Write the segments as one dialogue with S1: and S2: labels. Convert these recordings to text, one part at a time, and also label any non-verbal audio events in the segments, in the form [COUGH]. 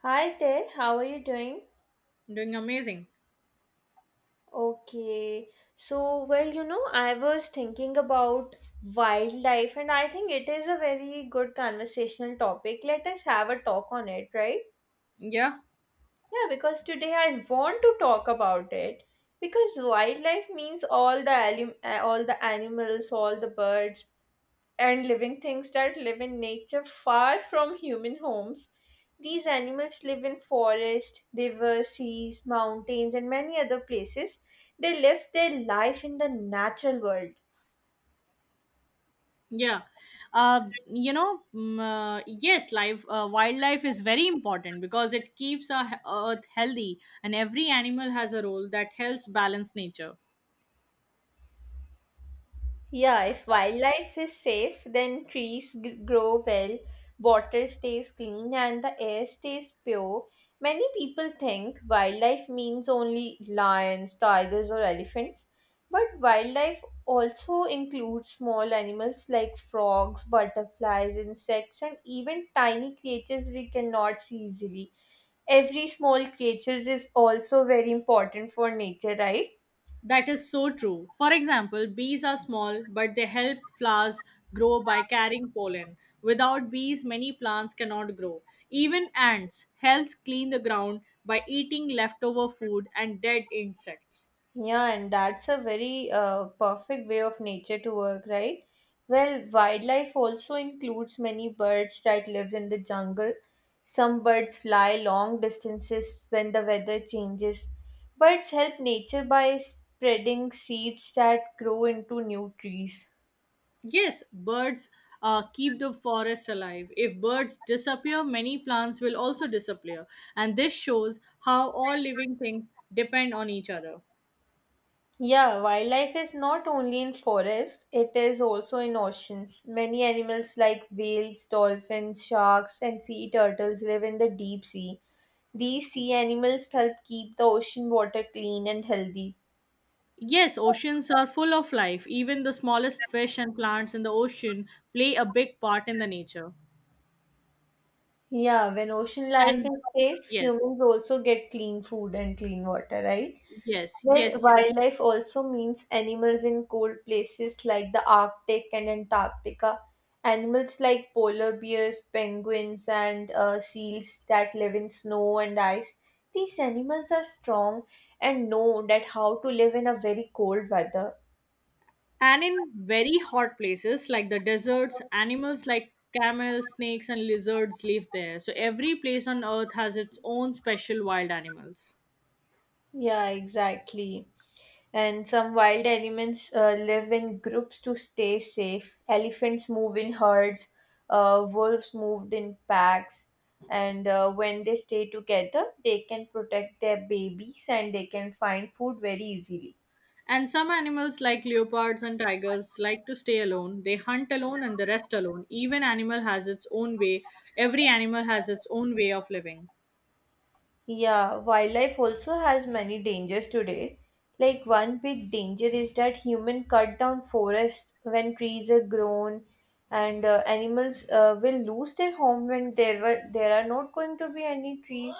S1: Hi there, how are you doing?
S2: Doing amazing.
S1: Okay, so well, I was thinking about wildlife, and I think it is a very good conversational topic. Let us have a talk on it, right?
S2: Yeah,
S1: Yeah, because today I want to talk about it because wildlife means all the all the animals, all the birds, and living things that live in nature far from human homes. These animals live in forests, rivers, seas, mountains, and many other places. They live their life in the natural world.
S2: yeah. Yes, life wildlife is very important because it keeps our earth healthy and every animal has a role that helps balance nature.
S1: Yeah, if wildlife is safe, then trees grow well, water stays clean, and the air stays pure. Many people think wildlife means only lions, tigers, or elephants, but wildlife also includes small animals like frogs, butterflies, insects, and even tiny creatures we cannot see easily. Every small creature is also very important for nature, right?
S2: That is so true. For example, bees are small but they help flowers grow by carrying pollen. Without bees, many plants cannot grow. Even ants help clean the ground by eating leftover food and dead insects.
S1: Yeah, and that's a very perfect way of nature to work, right? Well, wildlife also includes many birds that live in the jungle. Some birds fly long distances when the weather changes. Birds help nature by spreading seeds that grow into new trees.
S2: Yes, birds keep the forest alive. If birds disappear, many plants will also disappear. And this shows how all living things depend on each other.
S1: Yeah, wildlife is not only in forests, it is also in oceans. Many animals like whales, dolphins, sharks, and sea turtles live in the deep sea. These sea animals help keep the ocean water clean and healthy.
S2: Yes, oceans are full of life. Even the smallest fish and plants in the ocean play a big part in the nature.
S1: Yeah, when ocean life
S2: And
S1: is safe,
S2: yes,
S1: humans also get clean food and clean water, right?
S2: yes,
S1: Well,
S2: yes, yes.
S1: wildlife also means animals in cold places like the Arctic and Antarctica. Animals like polar bears, penguins, and seals that live in snow and ice. These animals are strong and know that how to live in a very cold weather.
S2: And in very hot places like the deserts, animals like camels, snakes, and lizards live there. So every place on earth has its own special wild animals.
S1: Yeah, exactly. And some wild elements live in groups to stay safe. Elephants move in herds, wolves moved in packs, and when they stay together, they can protect their babies and they can find food very easily.
S2: And some animals like leopards and tigers like to stay alone. They hunt alone and the rest alone. Even animal has its own way. Every animal has its own way of living.
S1: Yeah, wildlife also has many dangers today. Like one big danger is that human cut down forests when trees are grown, and animals will lose their home when there are not going to be any trees.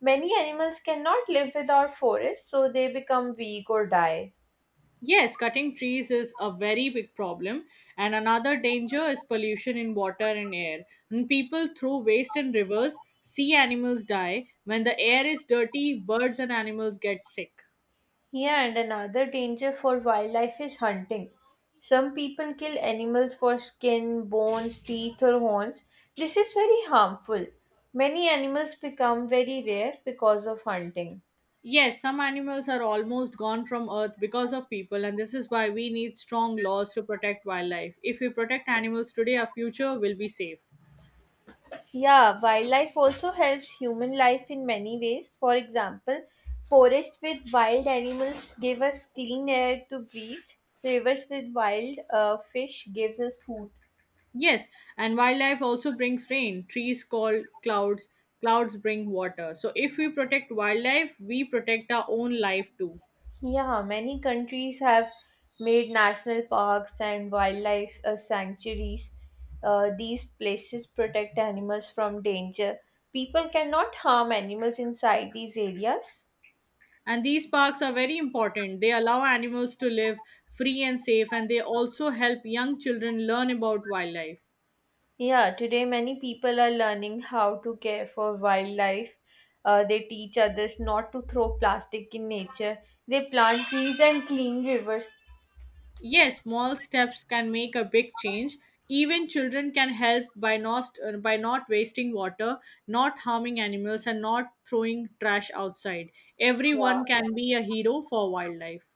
S1: Many animals cannot live without forests, so they become weak or die.
S2: Yes, cutting trees is a very big problem, and another danger is pollution in water and air. When people throw waste in rivers, sea animals die. When the air is dirty, birds and animals get sick.
S1: Yeah, and another danger for wildlife is hunting. Some people kill animals for skin, bones, teeth, or horns. This is very harmful. Many animals become very rare because of hunting.
S2: Yes, some animals are almost gone from earth because of people, and this is why we need strong laws to protect wildlife. If we protect animals today, our future will be safe.
S1: Yeah, wildlife also helps human life in many ways. For example, forests with wild animals give us clean air to breathe. Rivers with wild fish gives us food.
S2: Yes, and wildlife also brings rain. Trees call clouds, clouds bring water. So if we protect wildlife, we protect our own life too.
S1: Yeah, many countries have made national parks and wildlife sanctuaries. These places protect animals from danger. People cannot harm animals inside these areas.
S2: And these parks are very important. They allow animals to live free and safe, and they also help young children learn about wildlife.
S1: Yeah, today many people are learning how to care for wildlife. They teach others not to throw plastic in nature. They plant trees and clean rivers.
S2: Yes, small steps can make a big change. Even children can help by not wasting water, not harming animals, and not throwing trash outside. Everyone
S1: Yeah.
S2: can be a hero for wildlife.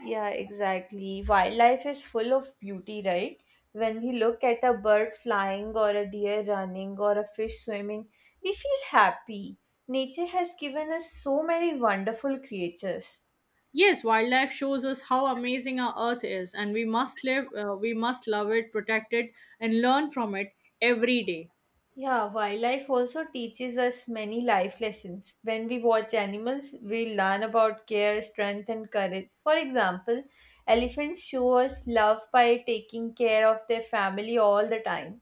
S1: Yeah, exactly. Wildlife is full of beauty, right? When we look at a bird flying or a deer running or a fish swimming, we feel happy. Nature has given us so many wonderful creatures.
S2: Yes, wildlife shows us how amazing our earth is, and we must love it, protect it, and learn from it every day.
S1: Yeah, wildlife also teaches us many life lessons. When we watch animals, we learn about care, strength, and courage. For example, elephants show us love by taking care of their family all the time.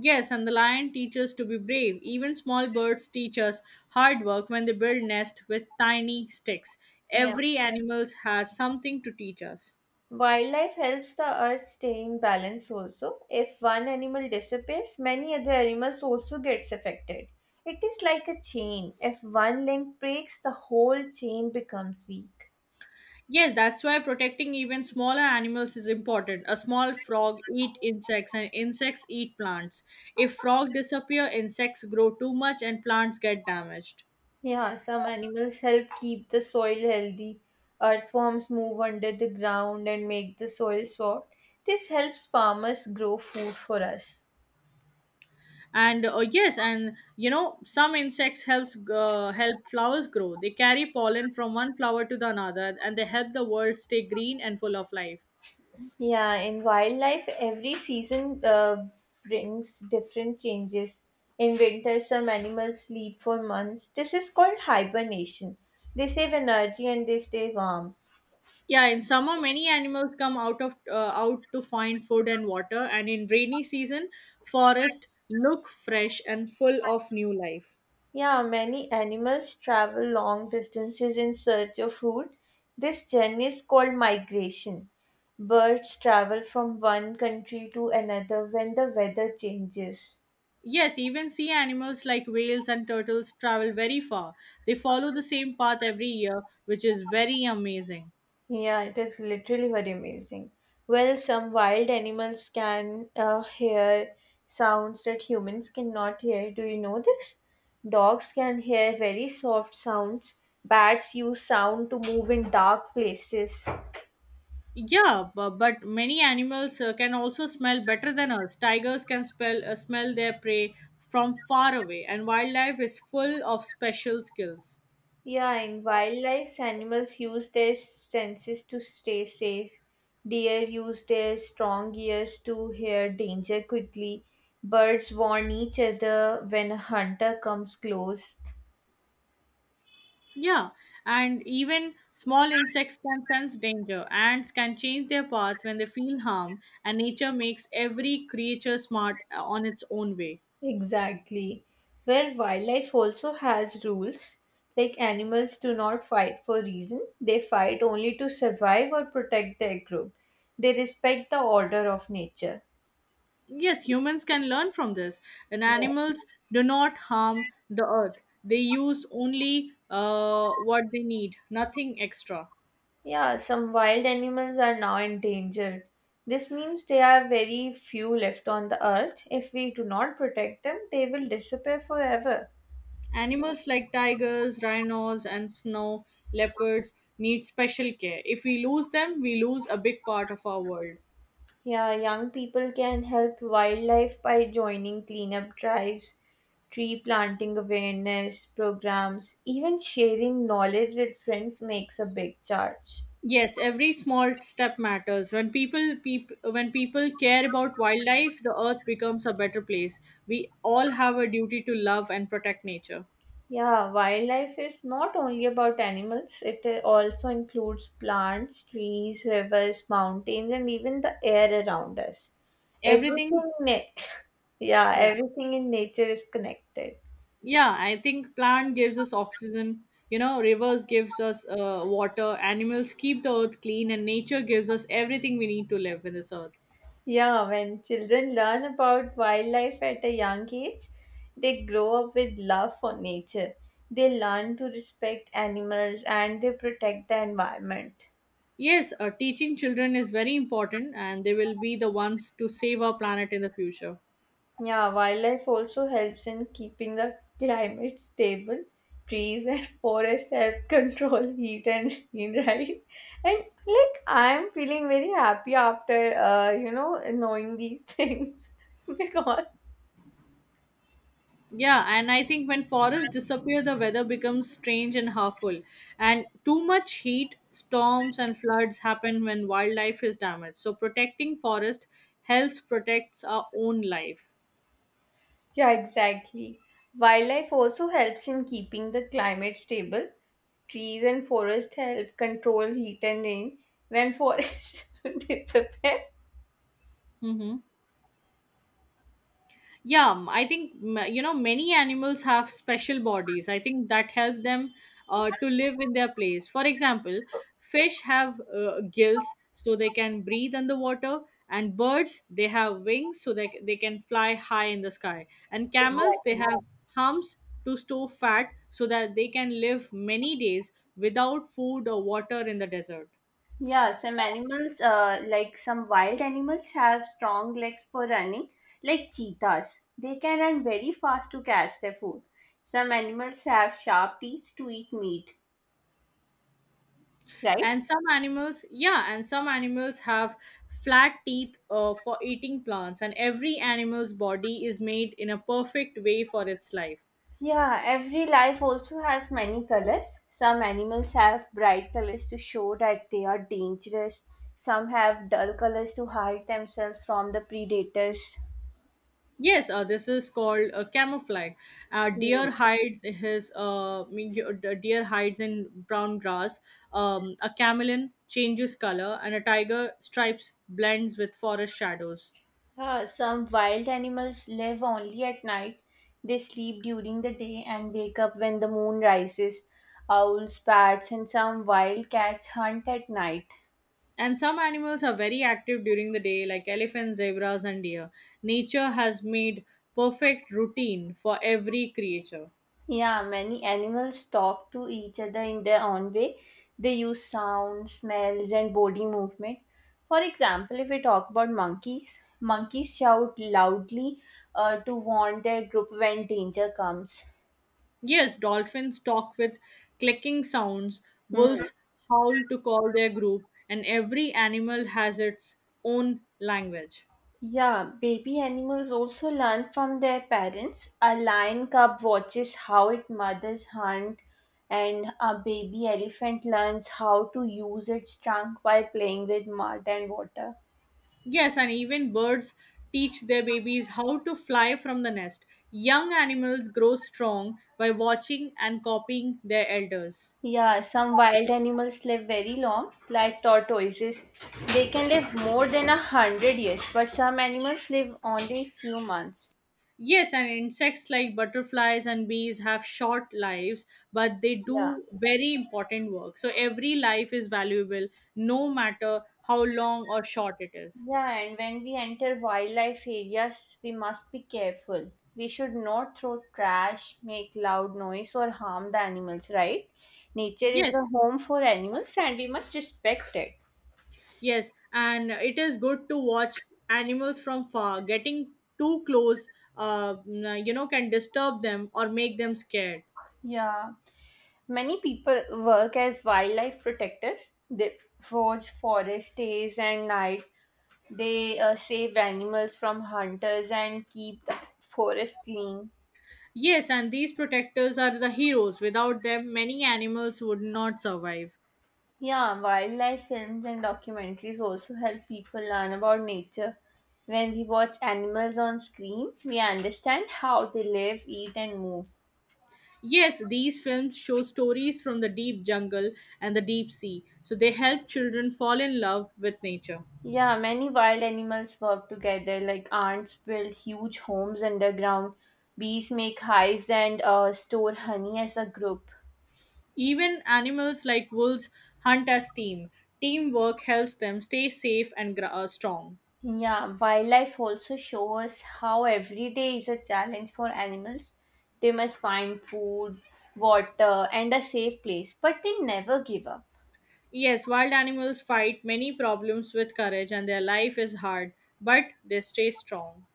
S2: Yes, and the lion teaches to be brave. Even small birds teach us hard work when they build nest with tiny sticks.
S1: Yeah.
S2: Every animal has something to teach us.
S1: Wildlife helps the earth staying balanced also. If one animal disappears, many other animals also gets affected. It is like a chain. If one link breaks, the whole chain becomes weak.
S2: Yes, that's why protecting even smaller animals is important. A small frog eat insects and insects eat plants. If frog disappear, insects grow too much and plants get damaged.
S1: Yeah, some animals help keep the soil healthy. Earthworms move under the ground and make the soil soft. This helps farmers grow food for us.
S2: And yes, and you know some insects help flowers grow. They carry pollen from one flower to the another, and they help the world stay green and full of life.
S1: Yeah, in wildlife, every season brings different changes. In winter, some animals sleep for months. This is called hibernation. They save energy and they stay warm.
S2: Yeah, in summer many animals come out of out to find food and water, and in rainy season forest look fresh and full of new life.
S1: Yeah, many animals travel long distances in search of food. This journey is called migration. Birds travel from one country to another when the weather changes.
S2: Yes, even sea animals like whales and turtles travel very far. They follow the same path every year, which is very amazing.
S1: Yeah, it is literally very amazing. Well, some wild animals can hear sounds that humans cannot hear. Do you know this? Dogs can hear very soft sounds. Bats use sound to move in dark places.
S2: Yeah, but many animals can also smell better than us. Tigers can smell their prey from far away, and wildlife is full of special skills.
S1: Yeah, in wildlife, animals use their senses to stay safe. Deer use their strong ears to hear danger quickly. Birds warn each other when a hunter comes close.
S2: Yeah, and even small insects can sense danger. Ants can change their path when they feel harm, and nature makes every creature smart on its own way.
S1: Exactly. Well, wildlife also has rules. Like animals do not fight for reason, they fight only to survive or protect their group. They respect the order of nature.
S2: Yes, humans can learn from this, and
S1: No.
S2: animals do not harm the earth. They use only what they need, nothing extra.
S1: Yeah, some wild animals are now endangered. This means there are very few left on the earth. If we do not protect them, they will disappear forever.
S2: Animals like tigers, rhinos, and snow leopards need special care. If we lose them, we lose a big part of our world.
S1: Yeah, young people can help wildlife by joining cleanup drives, tree planting awareness programs, even sharing knowledge with friends makes a big charge.
S2: Yes, every small step matters. When when people care about wildlife, the earth becomes a better place. We all have a duty to love and protect nature.
S1: Yeah, wildlife is not only about animals, it also includes plants, trees, rivers, mountains, and even the air around us.
S2: Everything,
S1: Everything, [LAUGHS] yeah,
S2: yeah.
S1: everything in nature is connected.
S2: Yeah, I think plant gives us oxygen, you know, rivers gives us water, animals keep the earth clean and nature gives us everything we need to live in this earth.
S1: Yeah, when children learn about wildlife at a young age, they grow up with love for nature. They learn to respect animals and they protect the environment.
S2: Yes, teaching children is very important and they will be the ones to save our planet in the future.
S1: Yeah, wildlife also helps in keeping the climate stable. Trees and [LAUGHS] forests help control heat and rain, right? And like I'm feeling very happy after knowing these things [LAUGHS] because
S2: Yeah, and I think when forests disappear, the weather becomes strange and harmful. And too much heat, storms, and floods happen when wildlife is damaged. So protecting forest helps protects our own life.
S1: yeah, exactly. Wildlife also helps in keeping the climate stable. Trees and forests help control heat and rain when forests [LAUGHS] disappear.
S2: Mm-hmm. Yeah, m- I think m- you know many animals have special bodies, I think, that help them to live in their place. For example, fish have gills so they can breathe underwater. And birds, they have wings so they can fly high in the sky. And camels, they
S1: Exactly.
S2: have humps to store fat so that they can live many days without food or water in the desert.
S1: Yeah, some animals, like some wild animals, have strong legs for running, like cheetahs. They can run very fast to catch their food. Some animals have sharp teeth to eat meat, right?
S2: And some animals yeah and some animals have flat teeth for eating plants, and every animal's body is made in a perfect way for its life.
S1: Yeah, every life also has many colors. Some animals have bright colors to show that they are dangerous. Some have dull colors to hide themselves from the predators.
S2: Yes, this is called camouflage.
S1: Hmm.
S2: Deer hides his mean, y- The deer hides in brown grass. A chameleon changes color, and a tiger stripes blends with forest shadows.
S1: Some wild animals live only at night. They sleep during the day and wake up when the moon rises. Owls, bats, and some wild cats hunt at night.
S2: And some animals are very active during the day, like elephants, zebras, and deer. Nature has made perfect routine for every creature.
S1: Yeah, many animals talk to each other in their own way. They use sound, smells, and body movement. For example, if we talk about monkeys, monkeys shout loudly to warn their group when danger comes.
S2: Yes, dolphins talk with clicking sounds,
S1: Hmm.
S2: wolves howl to call their group, and every animal has its own language.
S1: Yeah, baby animals also learn from their parents. A lion cub watches how its mothers hunt, and a baby elephant learns how to use its trunk by playing with mud and water.
S2: Yes, and even birds teach their babies how to fly from the nest. Young animals grow strong by watching and copying their elders.
S1: Yeah, some wild animals live very long, like tortoises. They can live more than 100 years, but some animals live only few months.
S2: Yes, and insects like butterflies and bees have short lives, but they
S1: Yeah.
S2: do very important work. So every life is valuable, no matter how long or short it is.
S1: Yeah, and when we enter wildlife areas, we must be careful. We should not throw trash, make loud noise, or harm the animals, right? Nature is
S2: Yes,
S1: the home for animals and we must respect it.
S2: yes, and it is good to watch animals from far. Getting too close, can disturb them or make them scared.
S1: Yeah. Many people work as wildlife protectors. They watch forest days and night. They save animals from hunters and keep the forest clean.
S2: Yes, and these protectors are the heroes. Without them, many animals would not survive.
S1: Yeah, wildlife films and documentaries also help people learn about nature. When we watch animals on screen, we understand how they live, eat, and move.
S2: Yes, these films show stories from the deep jungle and the deep sea, so they help children fall in love with nature.
S1: Yeah, many wild animals work together, like ants build huge homes underground, bees make hives and store honey as a group.
S2: Even animals like wolves hunt as team. Teamwork helps them stay safe and strong.
S1: Yeah, wildlife also shows how every day is a challenge for animals. They must find food, water, and a safe place, but they never give up.
S2: Yes, wild animals fight many problems with courage and their life is hard, but they stay strong.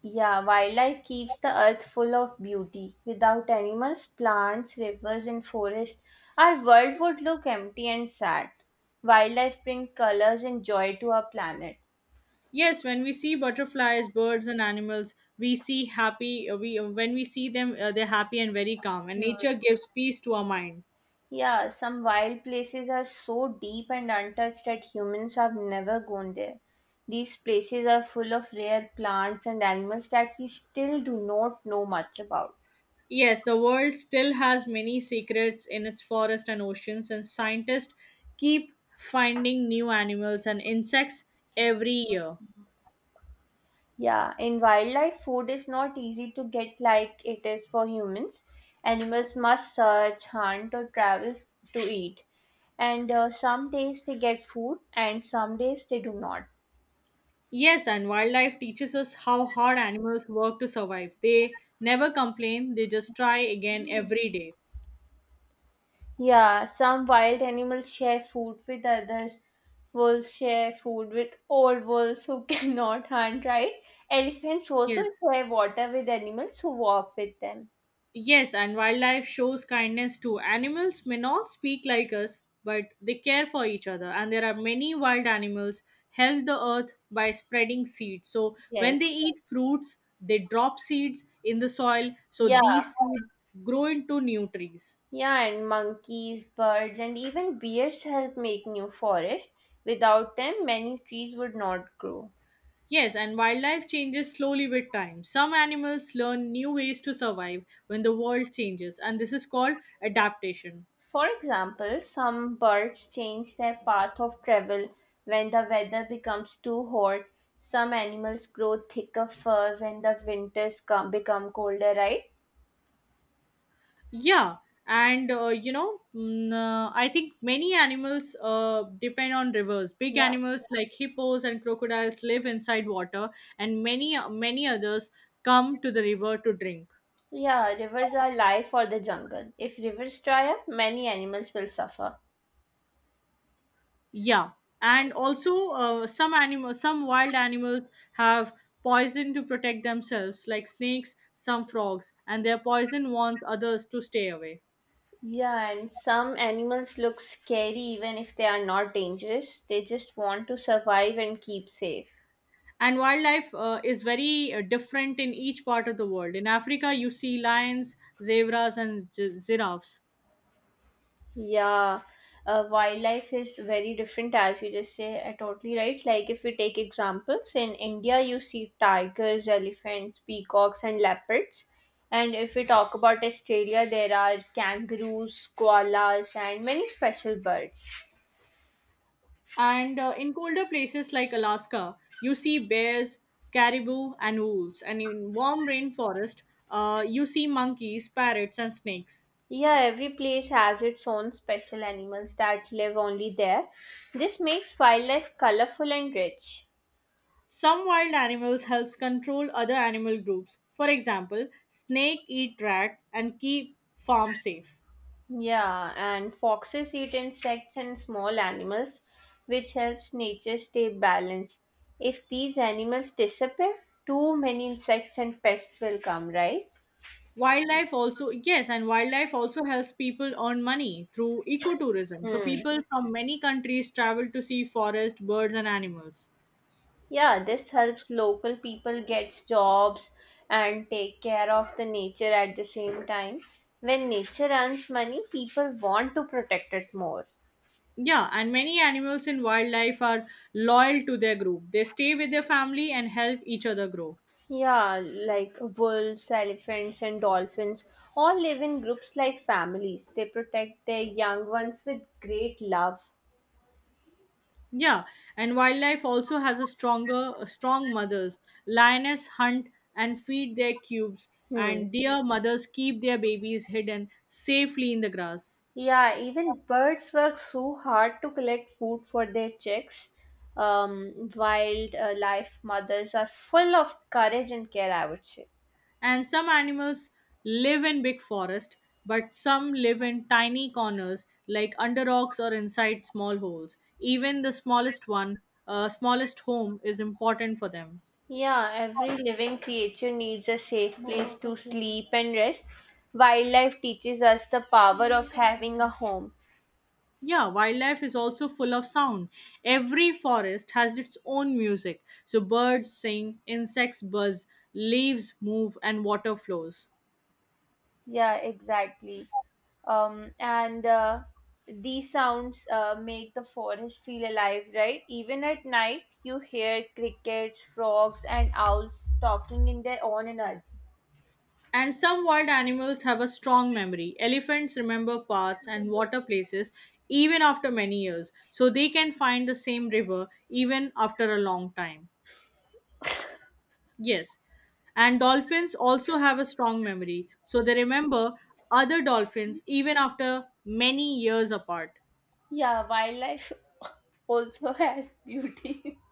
S1: Yeah, wildlife keeps the earth full of beauty. Without animals, plants, rivers, and forests, our world would look empty and sad. Wildlife brings colors and joy to our planet.
S2: Yes, when we see butterflies, birds, and animals, we see happy. We when we see them, they're happy and very calm, and
S1: Hmm.
S2: nature gives peace to our mind.
S1: Yeah, some wild places are so deep and untouched that humans have never gone there. These places are full of rare plants and animals that we still do not know much about.
S2: Yes, the world still has many secrets in its forests and oceans, and scientists keep finding new animals and insects every year.
S1: Yeah, in wildlife, food is not easy to get like it is for humans. Animals must search, hunt, or travel to eat. And some days they get food, and some days they do not.
S2: Yes, and wildlife teaches us how hard animals work to survive. They never complain, they just try again every day.
S1: Yeah, some wild animals share food with others. Wolves share food with old wolves who [LAUGHS] cannot hunt, right? Elephants also
S2: Yes.
S1: share water with animals who walk with them.
S2: Yes, and wildlife shows kindness too. Animals may not speak like us, but they care for each other. And there are many wild animals help the earth by spreading seeds. So
S1: Yes.
S2: when they eat fruits, they drop seeds in the soil. So
S1: Yeah.
S2: these seeds grow into new trees.
S1: Yeah, and monkeys, birds, and even bears help make new forests. Without them, many trees would not grow.
S2: Yes, and wildlife changes slowly with time. Some animals learn new ways to survive when the world changes, and this is called adaptation.
S1: For example, some birds change their path of travel when the weather becomes too hot. Some animals grow thicker fur when the winters become colder, right?
S2: Yeah, and I think many animals depend on rivers. Big
S1: Yeah.
S2: animals like hippos and crocodiles live inside water, and many many others come to the river to drink.
S1: Yeah, rivers are life for the jungle. If rivers dry up, many animals will suffer.
S2: Yeah, and also some wild animals have poison to protect themselves, like snakes, some frogs, and their poison warns others to stay away.
S1: Yeah, and some animals look scary even if they are not dangerous. They just want to survive and keep safe.
S2: And wildlife is very different in each part of the world. In Africa, you see lions, zebras, and giraffes.
S1: Yeah, wildlife is very different as you just say. Totally right. Like if we take examples in India, you see tigers, elephants, peacocks, and leopards. And if we talk about Australia, there are kangaroos, koalas, and many special birds.
S2: And in colder places like Alaska, you see bears, caribou, and wolves. And in warm rainforest, you see monkeys, parrots, and snakes.
S1: Yeah, every place has its own special animals that live only there. This makes wildlife colorful and rich.
S2: Some wild animals helps control other animal groups. For example, snake eat rat and keep farm safe.
S1: Yeah, and foxes eat insects and small animals, which helps nature stay balanced. If these animals disappear, too many insects and pests will come, right?
S2: Wildlife also helps people earn money through ecotourism. So
S1: Hmm.
S2: people from many countries travel to see forest, birds, and animals.
S1: Yeah, this helps local people get jobs and take care of the nature at the same time. When nature earns money, people want to protect it more.
S2: Yeah, and many animals in wildlife are loyal to their group. They stay with their family and help each other grow.
S1: Yeah, like wolves, elephants, and dolphins all live in groups like families. They protect their young ones with great love.
S2: Yeah, and wildlife also has a strong mothers. Lioness hunt and feed their cubes,
S1: Hmm.
S2: and deer mothers keep their babies hidden safely in the grass.
S1: Yeah, even birds work so hard to collect food for their chicks. Wild life mothers are full of courage and care, I would say.
S2: And some animals live in big forest, but some live in tiny corners like under rocks or inside small holes. Even the smallest one, smallest home is important for them.
S1: Yeah, every living creature needs a safe place to sleep and rest. Wildlife teaches us the power of having a home.
S2: Yeah, wildlife is also full of sound. Every forest has its own music. So birds sing, insects buzz, leaves move and water flows.
S1: Yeah, exactly. And These sounds make the forest feel alive, right? Even at night, you hear crickets, frogs, and owls talking in their own energy.
S2: And some wild animals have a strong memory. Elephants remember paths and water places even after many years, so they can find the same river even after a long time. Yes. And dolphins also have a strong memory, so they remember other dolphins even after many years apart.
S1: Yeah, wildlife [LAUGHS] also has beauty. [LAUGHS]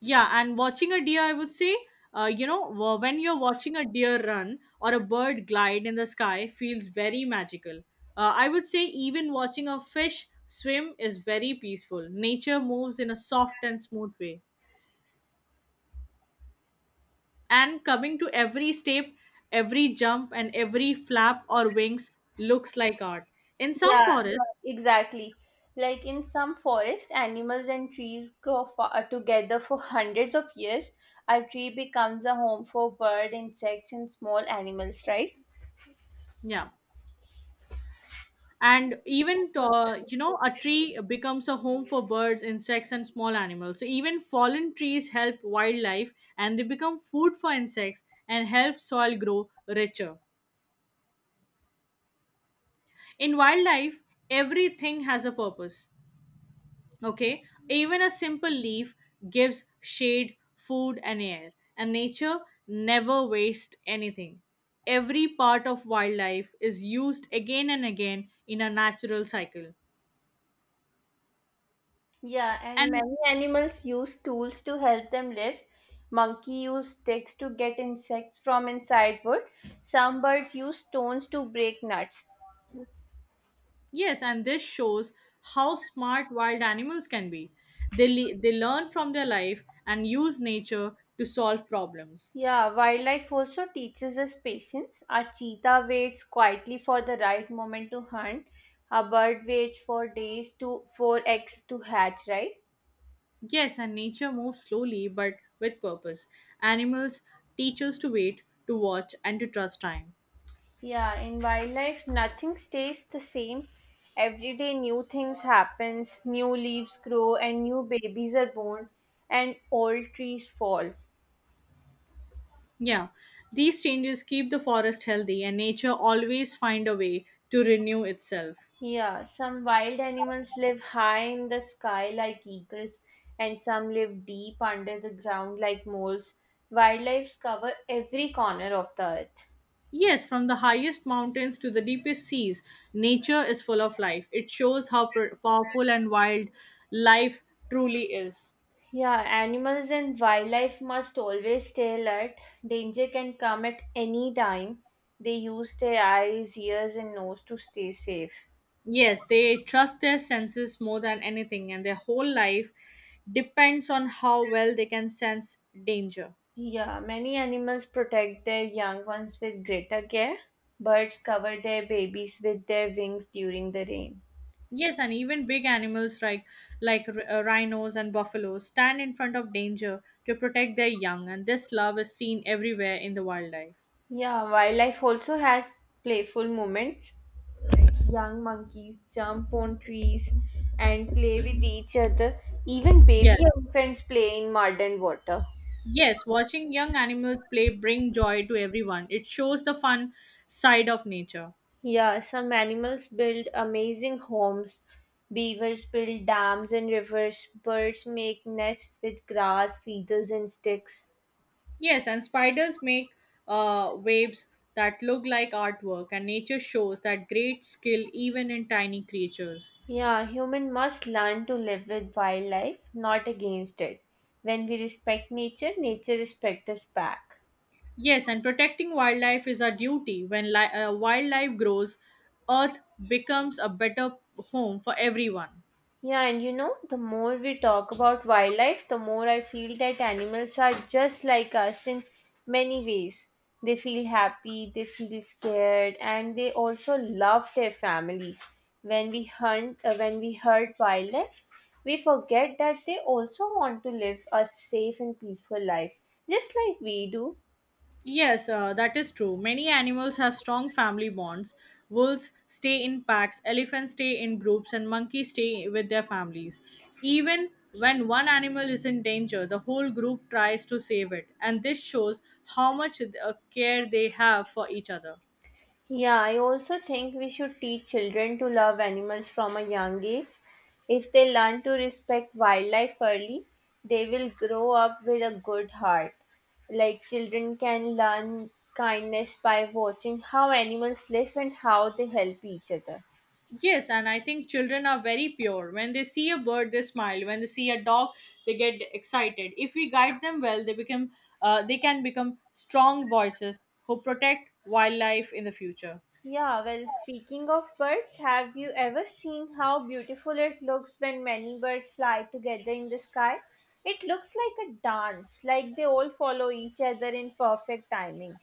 S2: Yeah, and watching a deer, I would say, when you're watching a deer run or a bird glide in the sky, feels very magical. I would say even watching a fish swim is very peaceful. Nature moves in a soft and smooth way. And coming to every step, every jump, and every flap or wings looks like art. In some
S1: Yeah,
S2: forests,
S1: exactly. Like in some forests, animals and trees grow together for hundreds of years. A tree becomes a home for bird, insects, and small animals, right?
S2: yeah, and even a tree becomes a home for birds, insects, and small animals. So even fallen trees help wildlife, and they become food for insects and help soil grow richer. In wildlife, everything has a purpose. Okay, even a simple leaf gives shade, food, and air. And nature never wastes anything. Every part of wildlife is used again and again in a natural cycle.
S1: Yeah, and
S2: And
S1: many animals use tools to help them live. Monkey use sticks to get insects from inside wood. Some birds use stones to break nuts.
S2: Yes, and this shows how smart wild animals can be. They learn from their life and use nature to solve problems.
S1: Yeah, wildlife also teaches us patience. A cheetah waits quietly for the right moment to hunt. A bird waits for days to for eggs to hatch, right?
S2: Yes, and nature moves slowly but with purpose. Animals teach us to wait, to watch, and to trust time.
S1: Yeah, in wildlife, nothing stays the same. Every day, new things happens, new leaves grow, and new babies are born, and old trees fall.
S2: Yeah, these changes keep the forest healthy, and nature always find a way to renew itself.
S1: Yeah, some wild animals live high in the sky like eagles, and some live deep under the ground like moles. Wildlife's cover every corner of the earth.
S2: Yes, from the highest mountains to the deepest seas, nature is full of life. It shows how powerful and wild life truly is.
S1: Yeah, animals and wildlife must always stay alert. Danger can come at any time. They use their eyes, ears, and nose to stay safe.
S2: Yes, they trust their senses more than anything, and their whole life depends on how well they can sense danger.
S1: Yeah, many animals protect their young ones with greater care. Birds cover their babies with their wings during the rain.
S2: Yes, and even big animals like like rhinos and buffaloes stand in front of danger to protect their young, and this love is seen everywhere in the wildlife.
S1: Yeah, wildlife also has playful moments. Young monkeys jump on trees and play with each other. Even
S2: Yes.
S1: baby elephants play in mud and water.
S2: Yes, watching young animals play bring joy to everyone. It shows the fun side of nature.
S1: Yeah, some animals build amazing homes. Beavers build dams and rivers. Birds make nests with grass, feathers, and sticks.
S2: Yes, and spiders make waves that look like artwork, and nature shows that great skill even in tiny creatures.
S1: Yeah, human must learn to live with wildlife, not against it. When we respect nature, nature respects us back.
S2: Yes, and protecting wildlife is our duty. When wildlife grows, Earth becomes a better home for everyone.
S1: Yeah, and you know, the more we talk about wildlife, the more I feel that animals are just like us in many ways. They feel happy, they feel scared, and they also love their families. When we hurt wildlife, we forget that they also want to live a safe and peaceful life, just like we do.
S2: Yes, that is true. Many animals have strong family bonds. Wolves stay in packs, elephants stay in groups, and monkeys stay with their families. Even when one animal is in danger, the whole group tries to save it, and this shows how much care they have for each other.
S1: Yeah, I also think we should teach children to love animals from a young age. If they learn to respect wildlife early, they will grow up with a good heart. Like children can learn kindness by watching how animals live and how they help each other.
S2: Yes, and I think children are very pure. When they see a bird, they smile. When they see a dog, they get excited. If we guide them well, they can become strong voices who protect wildlife in the future.
S1: Yeah, well, speaking of birds, have you ever seen how beautiful it looks when many birds fly together in the sky? It looks like a dance, like they all follow each other in perfect timing.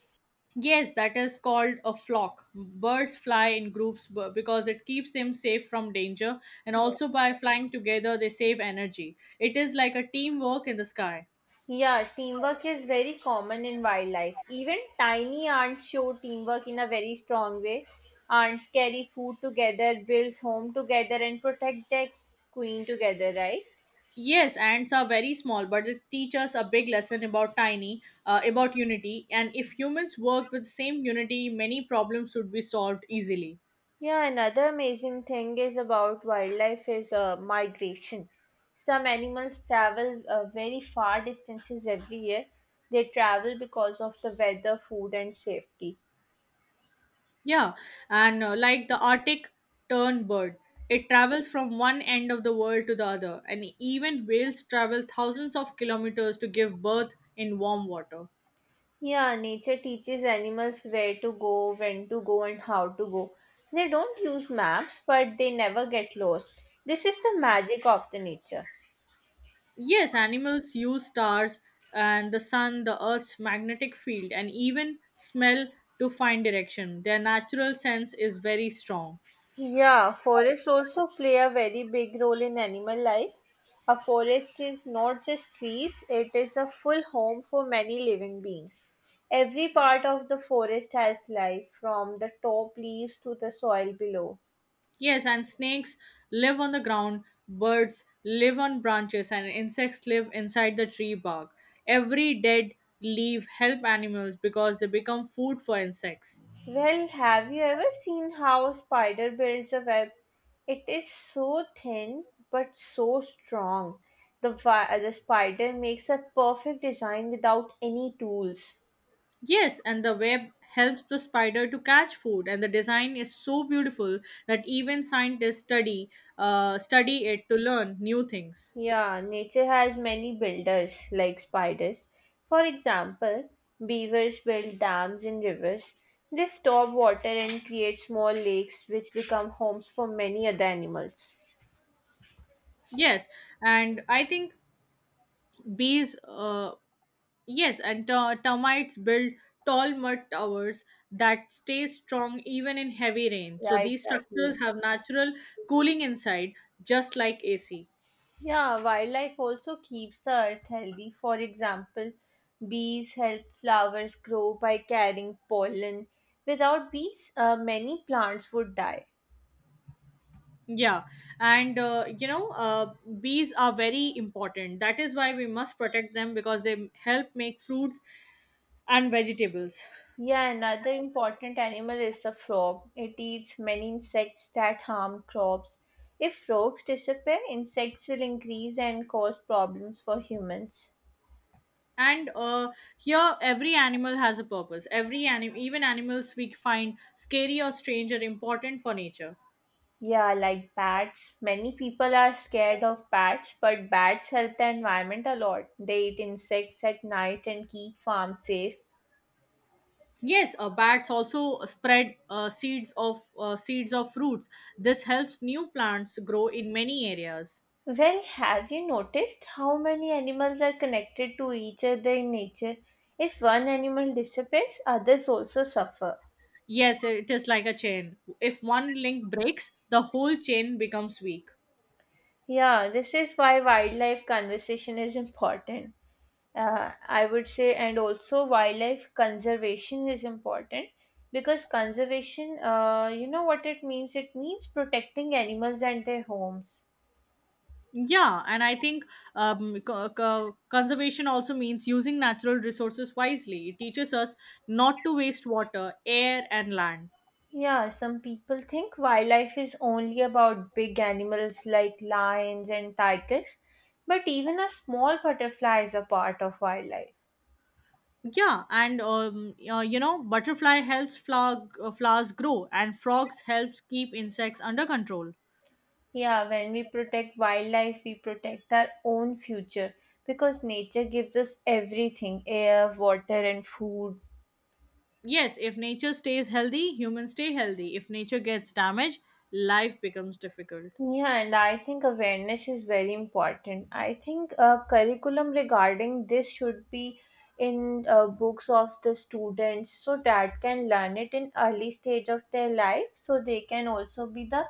S2: Yes, that is called a flock. Birds fly in groups because it keeps them safe from danger, and
S1: Yeah,
S2: also by flying together, they save energy. It is like a teamwork in the sky.
S1: Yeah, teamwork is very common in wildlife. Even tiny ants show teamwork in a very strong way. Ants carry food together, build home together, and protect their queen together, right?
S2: Yes, ants are very small, but it teaches a big lesson about about unity. And if humans worked with same unity, many problems would be solved easily.
S1: Yeah, another amazing thing is about wildlife is migration. Some animals travel very far distances every year. They travel because of the weather, food, and safety.
S2: Yeah, and like the Arctic tern bird, it travels from one end of the world to the other, and even whales travel thousands of kilometers to give birth in warm water.
S1: Yeah, nature teaches animals where to go, when to go, and how to go. They don't use maps, but they never get lost. This is the magic of the nature.
S2: Yes, animals use stars and the sun, the earth's magnetic field, and even smell to find direction. Their natural sense is very strong.
S1: Yeah, forests also play a very big role in animal life. A forest is not just trees, it is a full home for many living beings. Every part of the forest has life, from the top leaves to the soil below.
S2: Yes, and snakes live on the ground, birds live on branches, and insects live inside the tree bark. Every dead leaf help animals because they become food for insects.
S1: Well, have you ever seen how a spider builds a web? It is so thin but so strong. The spider makes a perfect design without any tools.
S2: Yes, and the web helps the spider to catch food, and the design is so beautiful that even scientists study it to learn new things.
S1: Yeah, nature has many builders like spiders. For example, beavers build dams in rivers. They store water and create small lakes which become homes for many other animals.
S2: Yes, and I think bees. Yes, and termites build tall mud towers that stay strong even in heavy rain.
S1: Yeah,
S2: So these
S1: exactly.
S2: structures have natural cooling inside, just like AC.
S1: Yeah, wildlife also keeps the earth healthy. For example, bees help flowers grow by carrying pollen. Without bees, many plants would die.
S2: Yeah, and bees are very important. That is why we must protect them because they help make fruits and vegetables.
S1: Yeah, another important animal is the frog. It eats many insects that harm crops. If frogs disappear, insects will increase and cause problems for humans.
S2: And here, every animal has a purpose. Every animal, even animals we find scary or strange, are important for nature.
S1: Yeah, like bats. Many people are scared of bats, but bats help the environment a lot. They eat insects at night and keep farms safe.
S2: Yes, bats also spread seeds of fruits. This helps new plants grow in many areas.
S1: Well, have you noticed how many animals are connected to each other in nature? If one animal disappears, others also suffer.
S2: Yes, it is like a chain. If one link breaks, the whole chain becomes weak.
S1: Yeah, this is why wildlife conversation is important. I would say, and also wildlife conservation is important because conservation, you know what it means? It means protecting animals and their homes.
S2: Yeah, and I think conservation also means using natural resources wisely. It teaches us not to waste water, air, and land.
S1: Yeah, some people think wildlife is only about big animals like lions and tigers, but even a small butterfly is a part of wildlife.
S2: Yeah, and butterfly helps flowers grow, and frogs helps keep insects under control.
S1: Yeah, when we protect wildlife, we protect our own future because nature gives us everything air, water, and food.
S2: Yes, if nature stays healthy, humans stay healthy. If nature gets damaged, life becomes difficult.
S1: Yeah, and I think awareness is very important. I think curriculum regarding this should be in books of the students so that can learn it in early stage of their life so they can also be the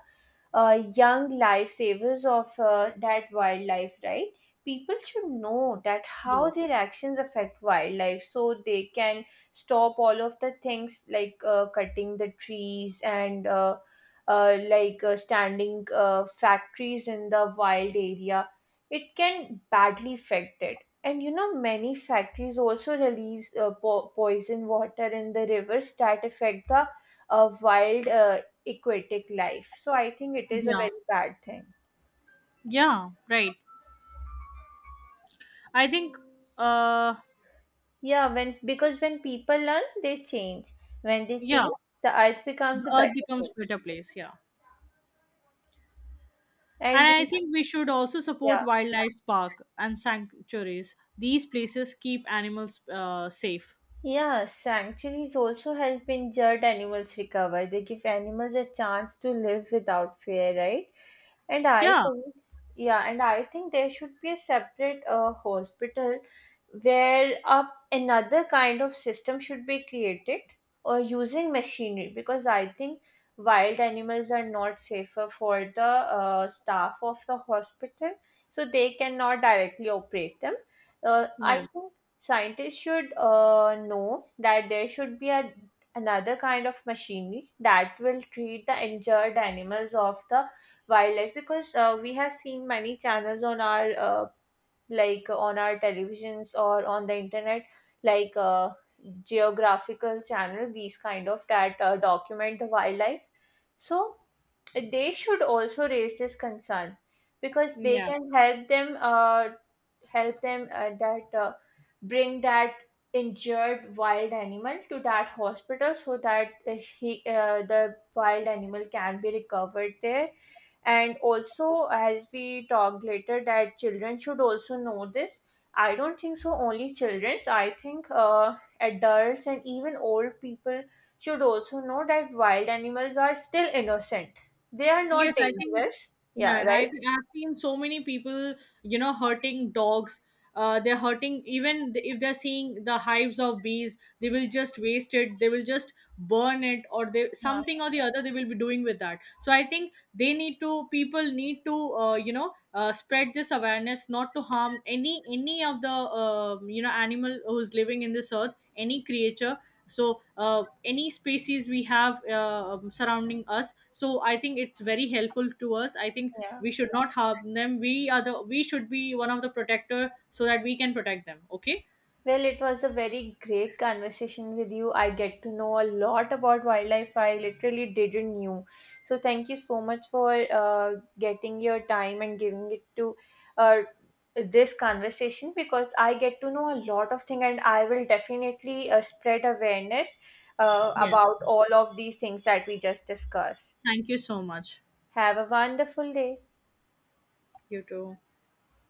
S1: young lifesavers of that wildlife, right? People should know that how
S2: Yes.
S1: their actions affect wildlife so they can stop all of the things like cutting the trees and standing factories in the wild area. It can badly affect it. And you know, many factories also release poison water in the rivers that affect the wild aquatic life. So I think it is a
S2: Yeah.
S1: very bad thing.
S2: Yeah. Right. I think. Uh.
S1: Yeah, when because when people learn, they change. When they
S2: Yeah.
S1: change, the earth becomes
S2: The
S1: a
S2: earth
S1: better
S2: becomes
S1: place.
S2: better place. Yeah. And
S1: And we,
S2: I think we should also support
S1: yeah,
S2: wildlife park and sanctuaries. These places keep animals safe.
S1: yeah, sanctuaries also help injured animals recover. They give animals a chance to live without fear, right? And I
S2: Yeah,
S1: think, yeah, and I think there should be a separate hospital where up another kind of system should be created or using machinery because I think wild animals are not safer for the staff of the hospital, so they cannot directly operate them.
S2: yeah,
S1: I think scientists should know that there should be a another kind of machinery that will treat the injured animals of the wildlife because we have seen many channels on our like on our televisions or on the internet like geographical channel these kind of that document the wildlife so they should also raise this concern because they
S2: yeah.
S1: can help them that bring that injured wild animal to that hospital so that the wild animal can be recovered there and also as we talked later that children should also know this I don't think so only childrens I think adults and even old people should also know that wild animals are still innocent they are not
S2: Yes,
S1: dangerous
S2: yeah,
S1: yeah
S2: and I
S1: right
S2: think I've seen so many people, you know, hurting dogs. They're hurting even if they're seeing the hives of bees, they will just waste it. They will just burn it, or they
S1: yeah,
S2: something or the other they will be doing with that. So I think they need to people need to spread this awareness not to harm any of the animal who's living in this earth, any creature. So any species we have surrounding us. So I think it's very helpful to us. I think
S1: yeah.
S2: we should not harm them. We are the We should be one of the protector so that we can protect them. Okay,
S1: Well, it was a very great conversation with you. I get to know a lot about wildlife I literally didn't knew. So thank you so much for getting your time and giving it to uh, this conversation because I get to know a lot of things and I will definitely spread awareness
S2: yes,
S1: about all of these things that we just discussed.
S2: thank you so much.
S1: Have a wonderful day.
S2: You too.